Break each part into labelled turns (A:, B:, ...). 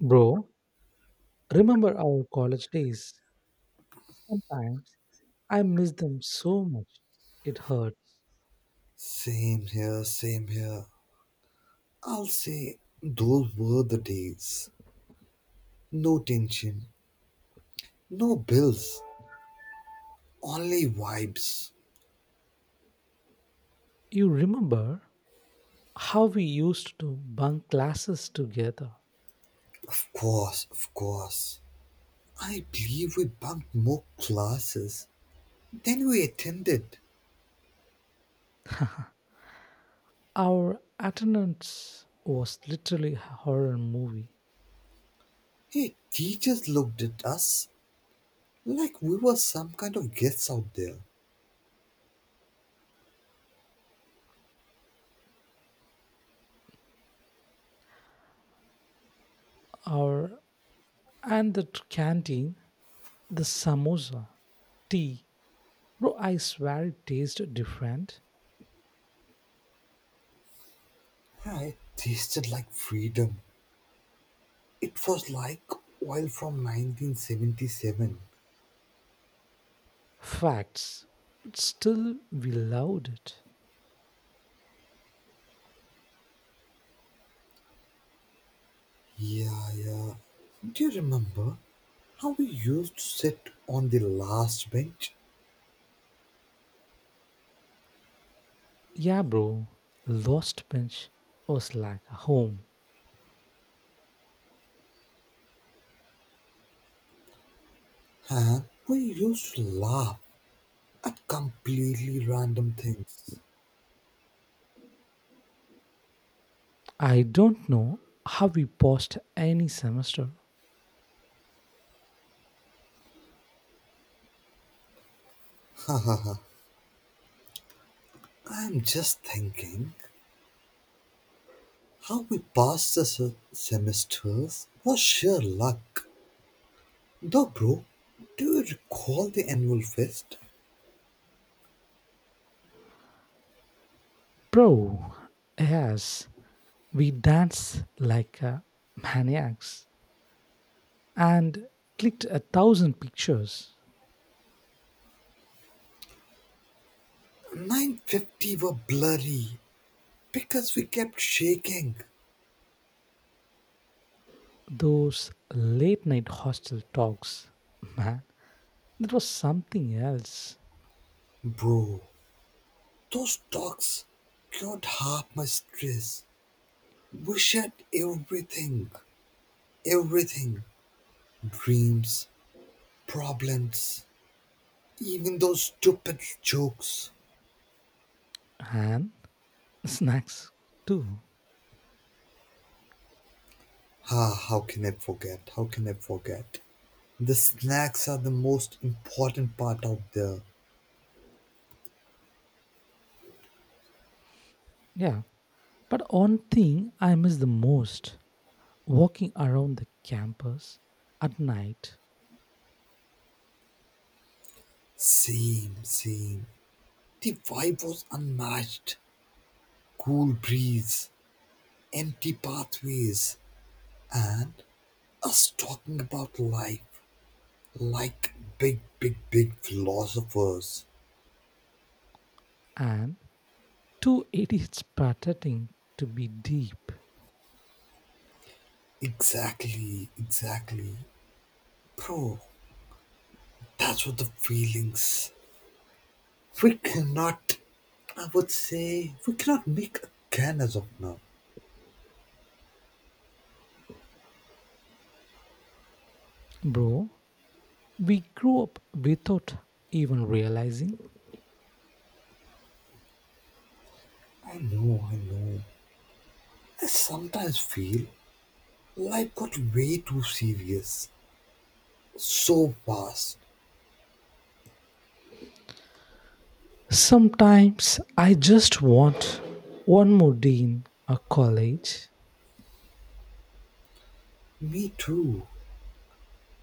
A: Bro, remember our college days? Sometimes I miss them so much. It hurts.
B: Same here, same here. I'll say those were the days. No tension, no bills, only vibes.
A: You remember how we used to bunk classes together?
B: Of course, of course. I believe we bunked more classes than we attended.
A: Our attendance was literally a horror movie.
B: Hey, teachers looked at us like we were some kind of guests out there.
A: Our and the t- canteen, the samosa, tea. Bro, I swear it tasted different.
B: Yeah, it tasted like freedom. It was like oil from 1977.
A: Facts. But still we loved it.
B: Yeah, yeah. Do you remember how we used to sit on the last bench?
A: Yeah, bro, Lost Bench was like a home.
B: Huh? We used to laugh at completely random things.
A: I don't know how we passed any semester.
B: I'm just thinking how we passed the semesters was sheer luck. Though, bro, do you recall the annual fest?
A: Bro, yes, we danced like maniacs and clicked 1,000 pictures.
B: 950 were blurry because we kept shaking.
A: Those late night hostel talks, man, that was something else.
B: Bro, those talks cured half my stress. We shared everything, everything, dreams, problems, even those stupid jokes.
A: And snacks too.
B: Ah, how can I forget? How can I forget? The snacks are the most important part out there.
A: Yeah. But one thing I miss the most, walking around the campus at night,
B: Same, same. The vibe was unmatched. Cool breeze, empty pathways, and us talking about life. Like big, big, big philosophers.
A: and two idiots pretending to be deep.
B: Exactly, exactly. Bro, that's what the feelings. We cannot, I would say, we cannot make a can as of now.
A: Bro, we grew up without even realizing.
B: I know, I know. I sometimes feel life got way too serious. So fast.
A: Sometimes I just want one more dean a college.
B: Me too.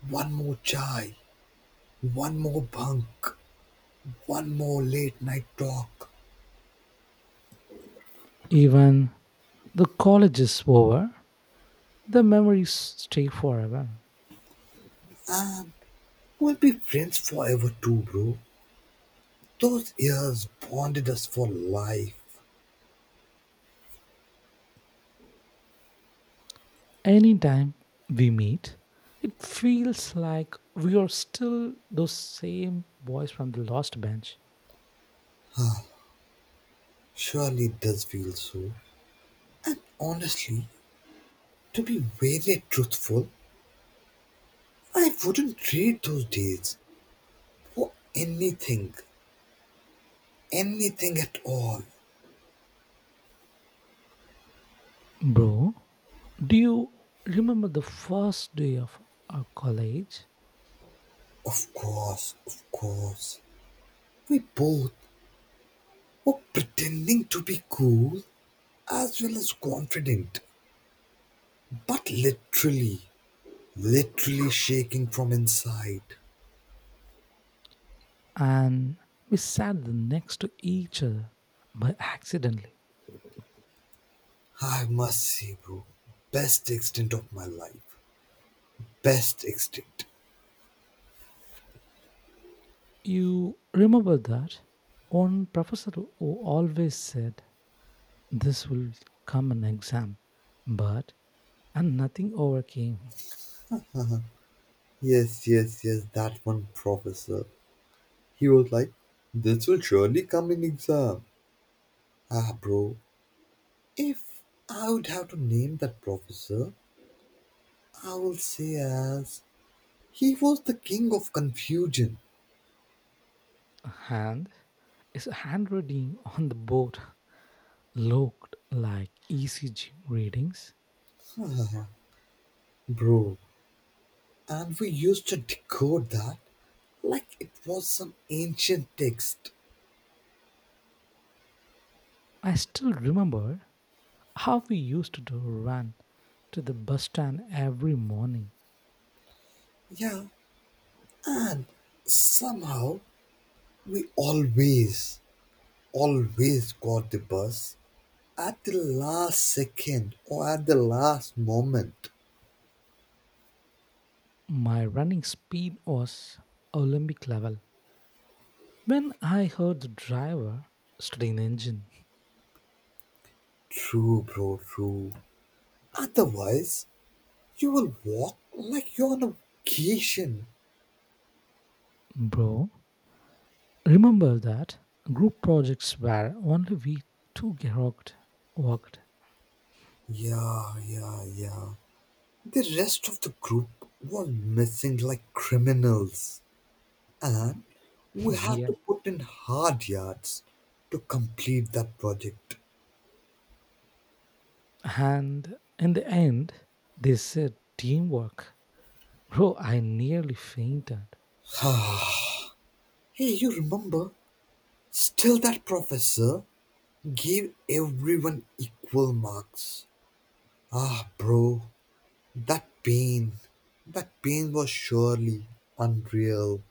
B: One more chai, one more bunk, one more late night talk.
A: Even the college is over, the memories stay forever.
B: We'll be friends forever too, bro. Those years bonded us for life.
A: Anytime we meet, it feels like we are still those same boys from the last bench.
B: Surely it does feel so. And honestly, to be very truthful, I wouldn't trade those days for anything. Anything at all.
A: Bro, do you remember the first day of our college?
B: Of course, of course. We both were pretending to be cool as well as confident, but literally, literally shaking from inside.
A: And we sat the next to each other by accidentally.
B: I must say, bro, best extent of my life. Best extinct.
A: You remember that? One professor who always said this will come an exam, but and nothing overcame.
B: Yes, yes, yes, that one professor. He was like, this will surely come in exam. Ah, bro, if I would have to name that professor, I will say as he was the king of confusion.
A: And his handwriting on the board looked like ECG readings.
B: Ah, bro, and we used to decode that like it was some ancient text.
A: I still remember how we used to do run to the bus stand every morning.
B: Yeah, and somehow we always, always got the bus at the last second or at the last moment.
A: My running speed was Olympic level. When I heard the driver studying the engine,
B: True, bro, true. Otherwise, you will walk like you're on a vacation.
A: bro, remember that group projects where only we two worked.
B: Yeah, yeah, yeah. The rest of the group was missing like criminals. And we had
A: Yeah.
B: to put in hard yards to complete that project.
A: And in the end, they said teamwork. Bro, I nearly fainted.
B: Hey, you remember? Still, that professor gave everyone equal marks. Ah, bro, that pain, that pain was surely unreal.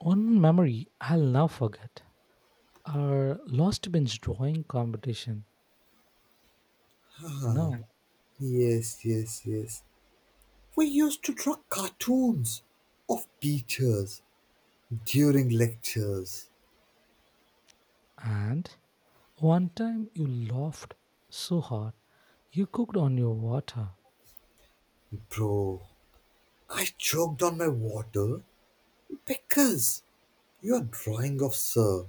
A: One memory I'll never forget, our lost bench drawing competition, you know.
B: Yes, yes, yes. We used to draw cartoons of teachers during lectures.
A: And one time you laughed so hard, you cooked on your water.
B: Bro, I choked on my water because your drawing of Sir.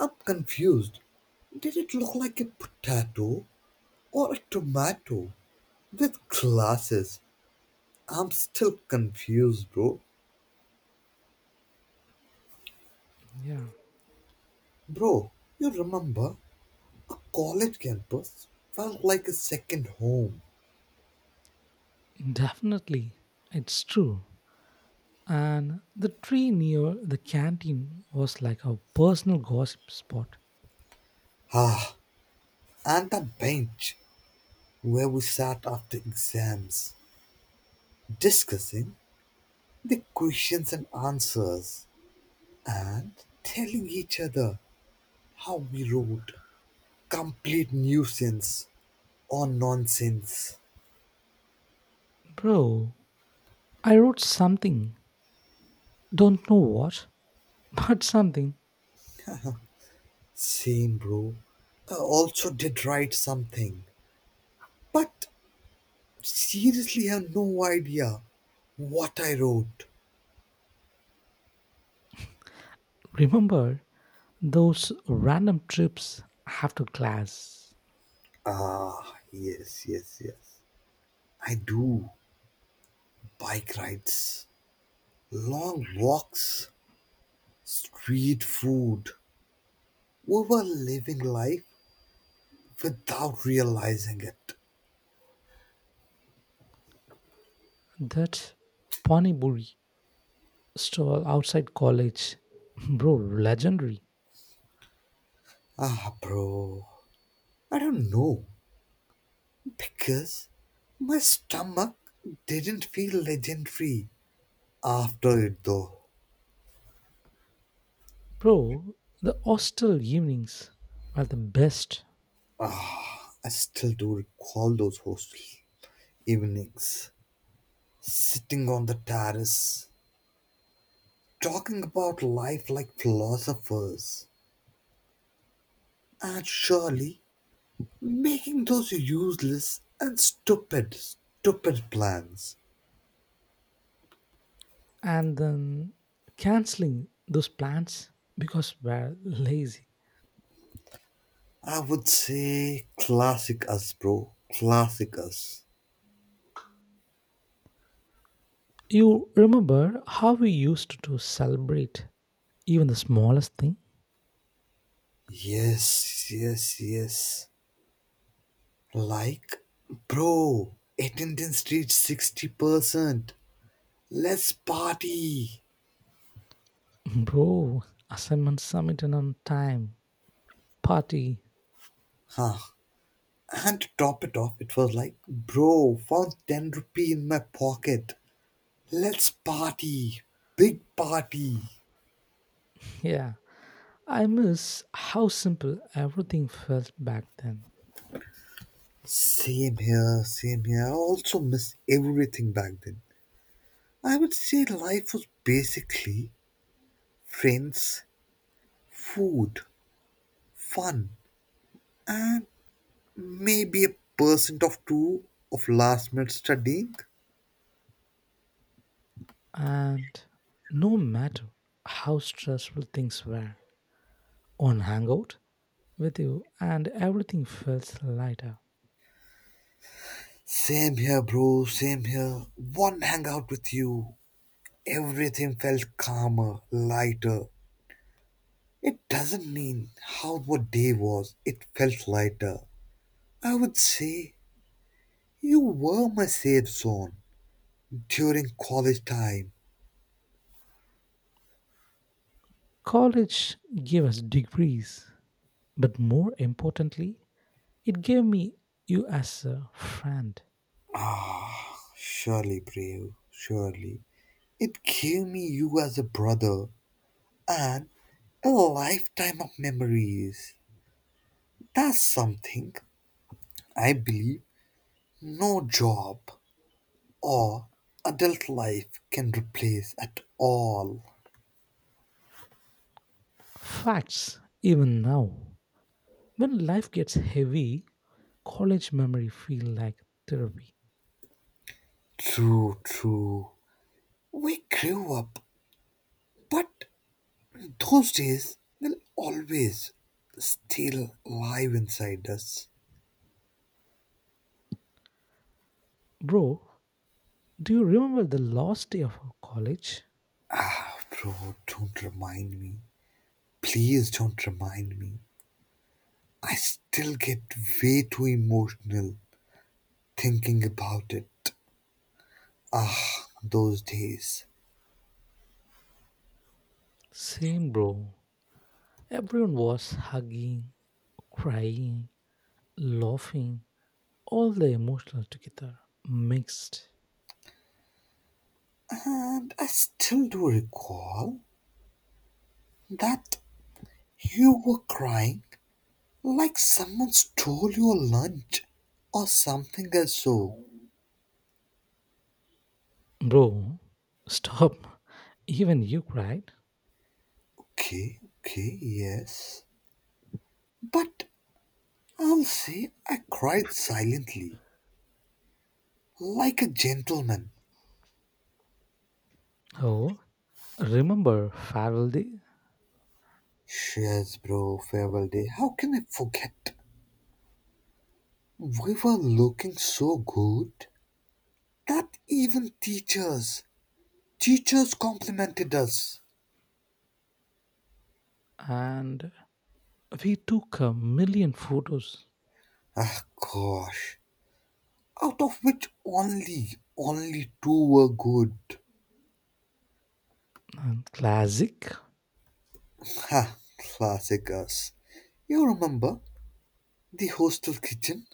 B: I'm confused. Did it look like a potato or a tomato with glasses? I'm still confused, bro.
A: Yeah,
B: Bro, you remember a college campus felt like a second home.
A: definitely. It's true. And the tree near the canteen was like a personal gossip spot.
B: Ah, and the bench where we sat after exams, discussing the questions and answers, and telling each other how we wrote complete nuisance or nonsense.
A: Bro, I wrote something, don't know what, but something.
B: Same, bro. I also did write something, but seriously have no idea what I wrote.
A: Remember those random trips after class?
B: Ah, yes, yes, yes. I do. Bike rides, long walks, street food. We were living life without realizing it.
A: That Paniburi stall outside college. Bro, legendary.
B: Ah, bro. I don't know. Because my stomach didn't feel legendary after it, though.
A: Bro, the hostel evenings are the best.
B: I still do recall those hostel evenings, sitting on the terrace, talking about life like philosophers. And surely making those useless and stupid, stupid plans.
A: And then canceling those plans because we're lazy.
B: I would say classic us, bro. Classic us.
A: You remember how we used to celebrate even the smallest thing?
B: Yes, yes, yes. Like, bro, attendance reached 60%. Let's party.
A: Bro, assignment submitted on time, party.
B: Huh. And to top it off, it was like, bro, found 10 rupee in my pocket. Let's party. Big party.
A: Yeah, I miss how simple everything felt back then.
B: Same here, same here. I also miss everything back then. I would say life was basically friends, food, fun, and maybe a percent of two of last minute studying.
A: And no matter how stressful things were, on Hangout, with you, and everything feels lighter.
B: Same here, bro, same here. One hangout with you, everything felt calmer, lighter. It doesn't mean how the day was, it felt lighter. I would say you were my safe zone during college time.
A: College gave us degrees, but more importantly, it gave me you as a friend.
B: Surely, brave, surely. It gave me you as a brother and a lifetime of memories. That's something I believe no job or adult life can replace at all.
A: Facts, even now. When life gets heavy, college memory feel like therapy.
B: True, true. We grew up, but those days will always still live inside us.
A: Bro, do you remember the last day of our college?
B: Ah, bro, don't remind me. Please don't remind me. I still get way too emotional thinking about it those days.
A: Same, bro. Everyone was hugging, crying, laughing, all the emotional together, mixed.
B: And I still do recall that you were crying like someone stole your lunch or something else. So,
A: Bro, stop. Even you cried.
B: okay, okay, yes. But I'll say I cried silently, like a gentleman.
A: Oh, remember Farrell Day?
B: Cheers, bro, farewell day. How can I forget? We were looking so good that even teachers complimented us.
A: And we took 1,000,000 photos.
B: Ah, gosh. Out of which only, only two were good.
A: And classic.
B: Ha, classic us. You remember the hostel kitchen?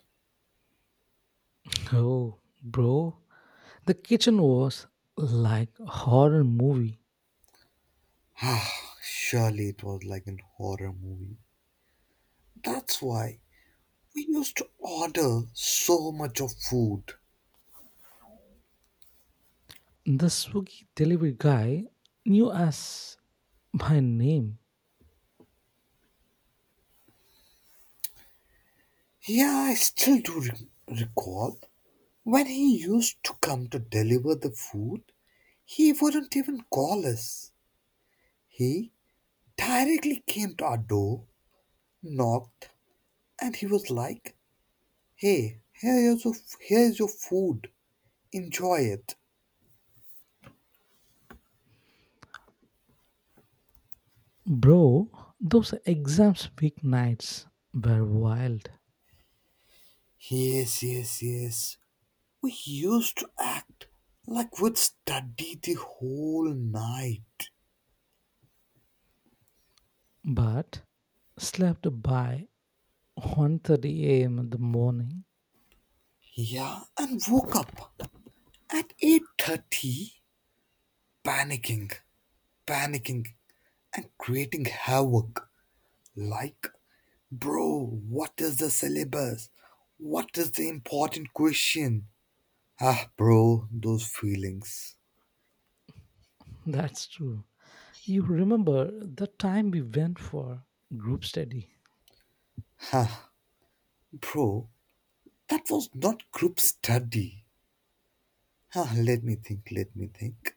A: Oh, bro. The kitchen was like a horror movie.
B: Ah, surely it was like an horror movie. That's why we used to order so much of food.
A: The Swiggy delivery guy knew us by name.
B: Yeah, I still do recall. When he used to come to deliver the food, he wouldn't even call us. He directly came to our door, knocked, and he was like, hey, here is your food. Enjoy it.
A: Bro, those exams weeknights were wild.
B: Yes, yes, yes. We used to act like we'd study the whole night.
A: But slept by 1:30 a.m. in the morning.
B: Yeah, and woke up at 8:30 panicking, panicking and creating havoc like bro, what is the syllabus? What is the important question? Ah, bro, those feelings.
A: That's true. You remember the time we went for group study?
B: Ah, bro, that was not group study. Ah, let me think, let me think.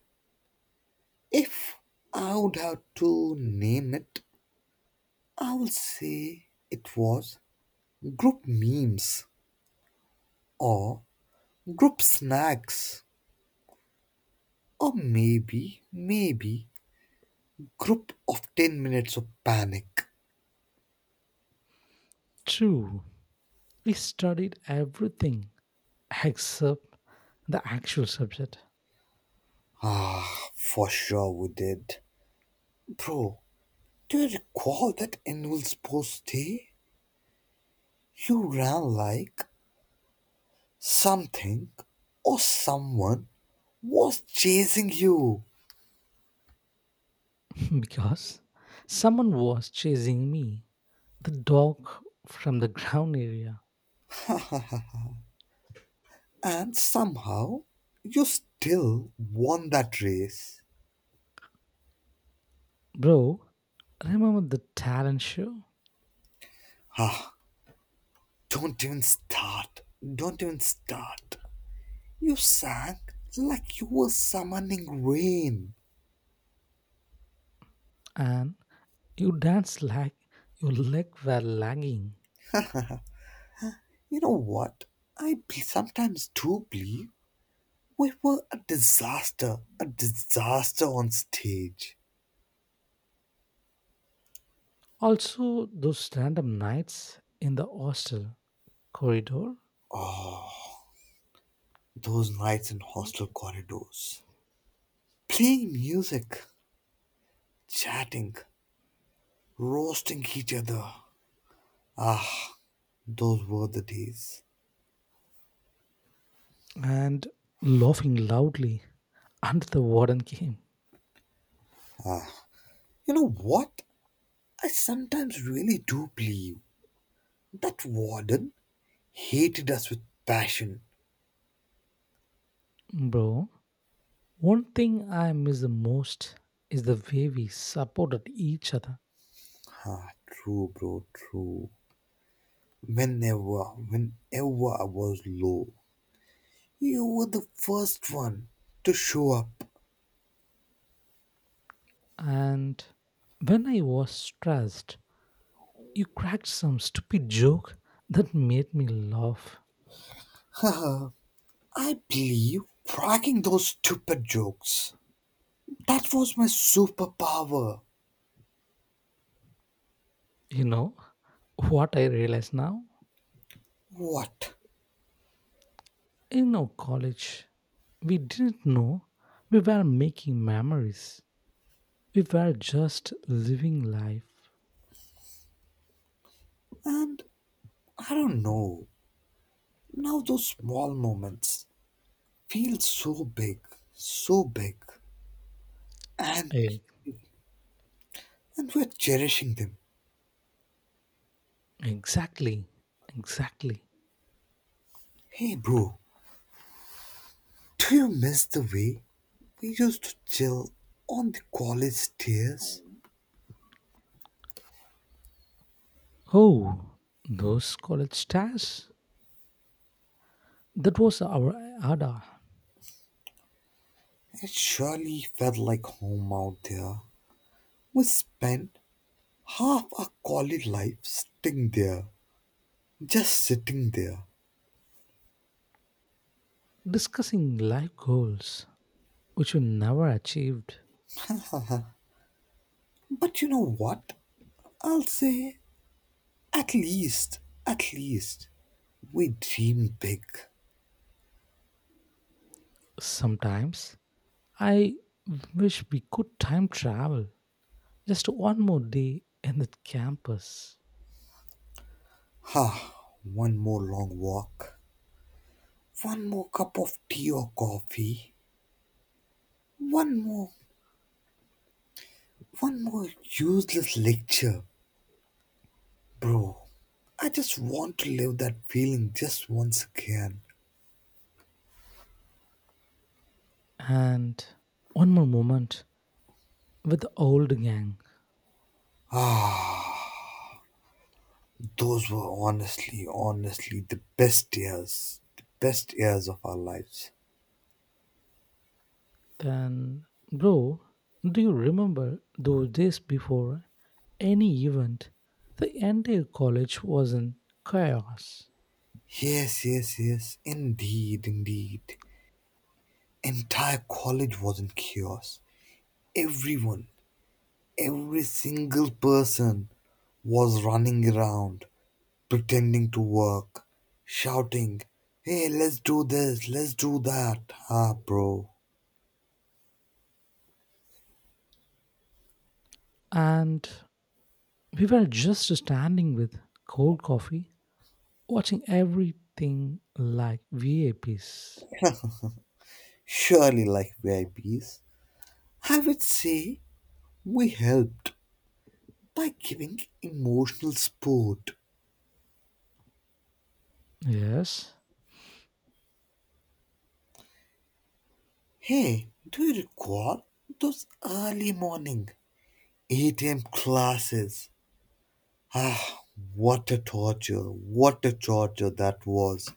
B: If I would have to name it, I will say it was group memes or group snacks or maybe group of 10 minutes of panic.
A: True. We studied everything except the actual subject.
B: Ah, for sure we did. Bro, do you recall that annual sports day? You ran like something or someone was chasing you,
A: Because someone was chasing me, the dog from the ground area.
B: and somehow you still won that race.
A: Bro, remember the talent show,
B: Ah, don't even start. Don't even start. You sang like you were summoning rain.
A: and you danced like your leg were lagging.
B: You know what? Sometimes do believe we were a disaster on stage.
A: Also those random nights in the hostel corridor,
B: Those nights in hostel corridors, playing music, chatting, roasting each other, those were the days.
A: and laughing loudly under the warden came.
B: You know what? I sometimes really do believe that Warden hated us with passion.
A: Bro, one thing I miss the most is the way we supported each other.
B: Ah, true, bro, true. Whenever, whenever I was low, you were the first one to show up.
A: And when I was stressed, you cracked some stupid joke that made me laugh.
B: I believe cracking those stupid jokes. That was my superpower.
A: You know what I realize now?
B: What?
A: In our college, we didn't know we were making memories. We were just living life.
B: And I don't know. Now those small moments feel so big, so big. And
A: Eh,
B: and we're cherishing them.
A: Exactly. Exactly.
B: Hey bro, do you miss the way we used to chill on the college stairs?
A: Oh, those college stars. That was our ADA,
B: It surely felt like home out there. We spent half our college life sitting there, just sitting there.
A: discussing life goals which we never achieved.
B: But you know what? I'll say at least, at least, we dream big.
A: Sometimes I wish we could time travel, just one more day in the campus
B: Ha! One more long walk, one more cup of tea or coffee, one more, one more useless lecture, bro. I just want to live that feeling just once again.
A: and one more moment with the old gang.
B: Those were honestly, honestly the best years of our lives.
A: Then, bro, do you remember those days before any event? The entire college was in chaos,
B: Yes, yes, yes, indeed, indeed. Entire college was in chaos. Everyone, every single person was running around, pretending to work, shouting, hey, let's do this, let's do that. Ah, bro.
A: and we were just standing with cold coffee, watching everything like VAPs.
B: Surely, like VIPs, I Ps, I would say we helped by giving emotional support.
A: Yes.
B: Hey, do you recall those early morning 8 a.m. classes? Ah, what a torture, what a torture that was.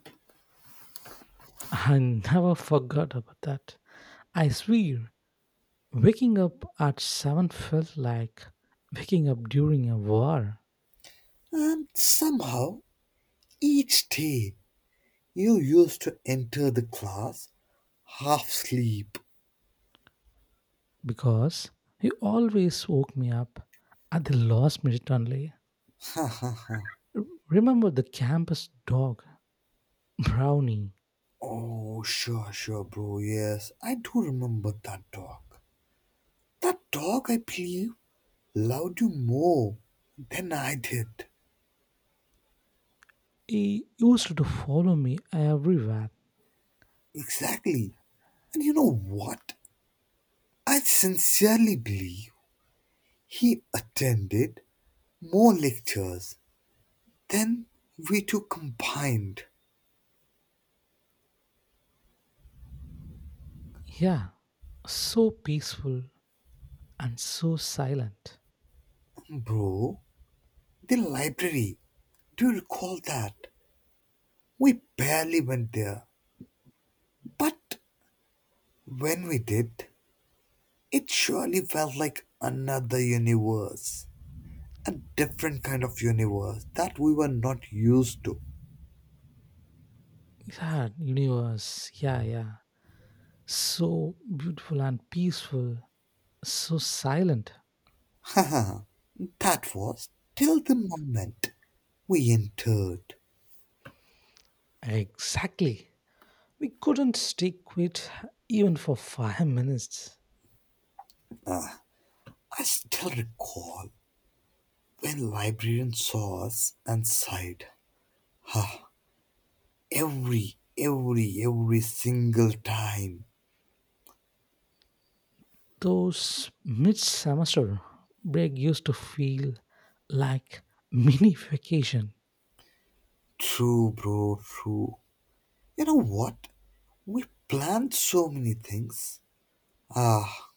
A: I never forgot about that. I swear, waking up at 7 felt like waking up during a war
B: And somehow each day you used to enter the class half asleep.
A: because he always woke me up at the last minute only.
B: Ha ha ha.
A: R- Remember the campus dog, Brownie?
B: Oh, sure, sure, bro. Yes, I do remember that dog. That dog, I believe, loved you more than I did.
A: He used to follow me everywhere.
B: Exactly. And you know what? I sincerely believe he attended more lectures than we two combined.
A: Yeah, so peaceful and so silent.
B: Bro, the library. Do you recall that? We barely went there, but when we did, it surely felt like another universe. A different kind of universe that we were not used to.
A: Yeah, universe. Yeah, yeah. So beautiful and peaceful, so silent.
B: Haha, that was till the moment we entered.
A: Exactly. We couldn't stick with even for 5 minutes.
B: I still recall when librarian saw us and sighed. Every single time.
A: Those mid semester break used to feel like mini vacation
B: True, bro, true. You know what? We planned so many things. Ah,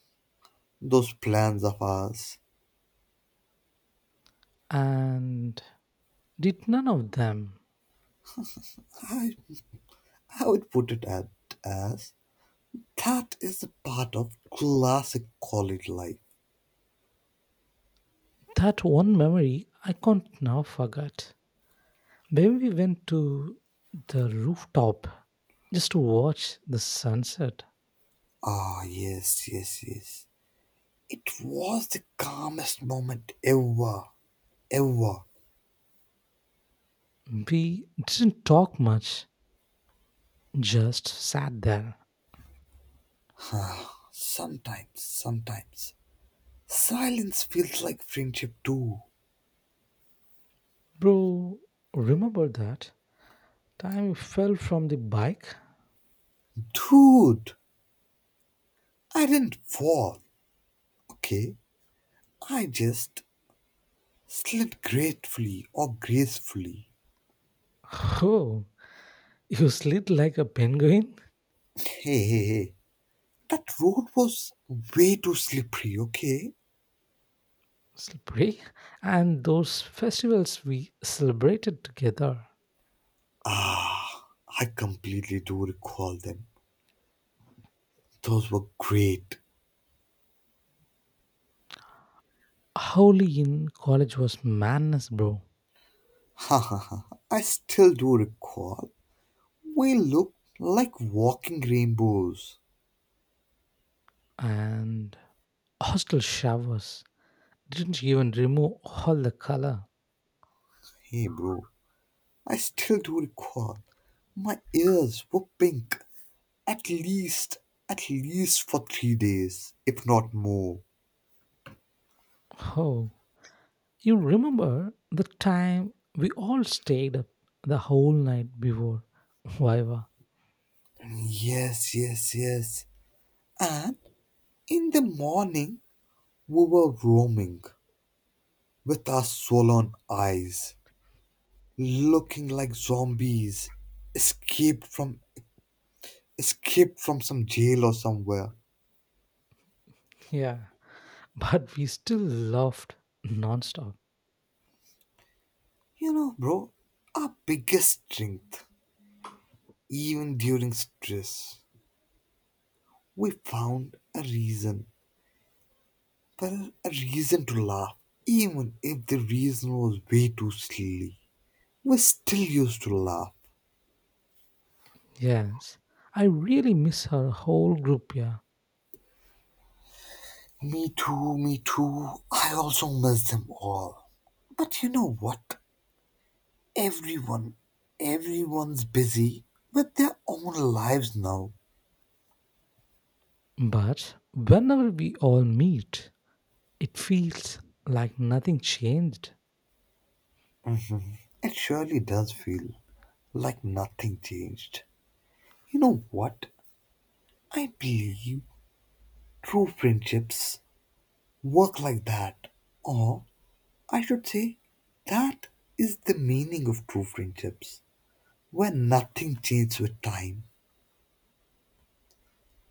B: those plans of ours.
A: and did none of them.
B: I, I would put it at, as that is a part of classic college life.
A: That one memory I can't now forget. When we went to the rooftop just to watch the sunset,
B: Ah, yes, yes, yes. It was the calmest moment ever, ever.
A: we didn't talk much, just sat there.
B: Sometimes, sometimes. Silence feels like friendship too.
A: Bro, remember that? Time you fell from the bike.
B: Dude, I didn't fall, okay? I just slid gratefully or gracefully.
A: Oh, you slid like a penguin.
B: Hey, hey, hey. That road was way too slippery, okay?
A: Slippery. And those festivals we celebrated together.
B: Ah, I completely do recall them. Those were great.
A: Holi in college was madness, bro.
B: Ha ha ha. I still do recall. We looked like walking rainbows.
A: And hostel showers didn't even remove all the color.
B: Hey, bro. I still do recall. My ears were pink. At least, at least for 3 days, if not more.
A: Oh, you remember the time we all stayed up the whole night before Viva?
B: Yes, yes, yes. And in the morning, we were roaming with our swollen eyes, looking like zombies escaped from escaped from some jail or somewhere.
A: Yeah, but we still laughed nonstop.
B: You know, bro, our biggest strength, even during stress, we found a reason, well, a reason to laugh, even if the reason was way too silly. We still used to laugh.
A: Yes, I really miss her whole group, yeah.
B: Me too, me too. I also miss them all. But you know what? Everyone, everyone's busy with their own lives now.
A: But whenever we all meet, it feels like nothing changed.
B: It surely does feel like nothing changed. You know what? I believe true friendships work like that. Or I should say, that is the meaning of true friendships, where nothing changes with time.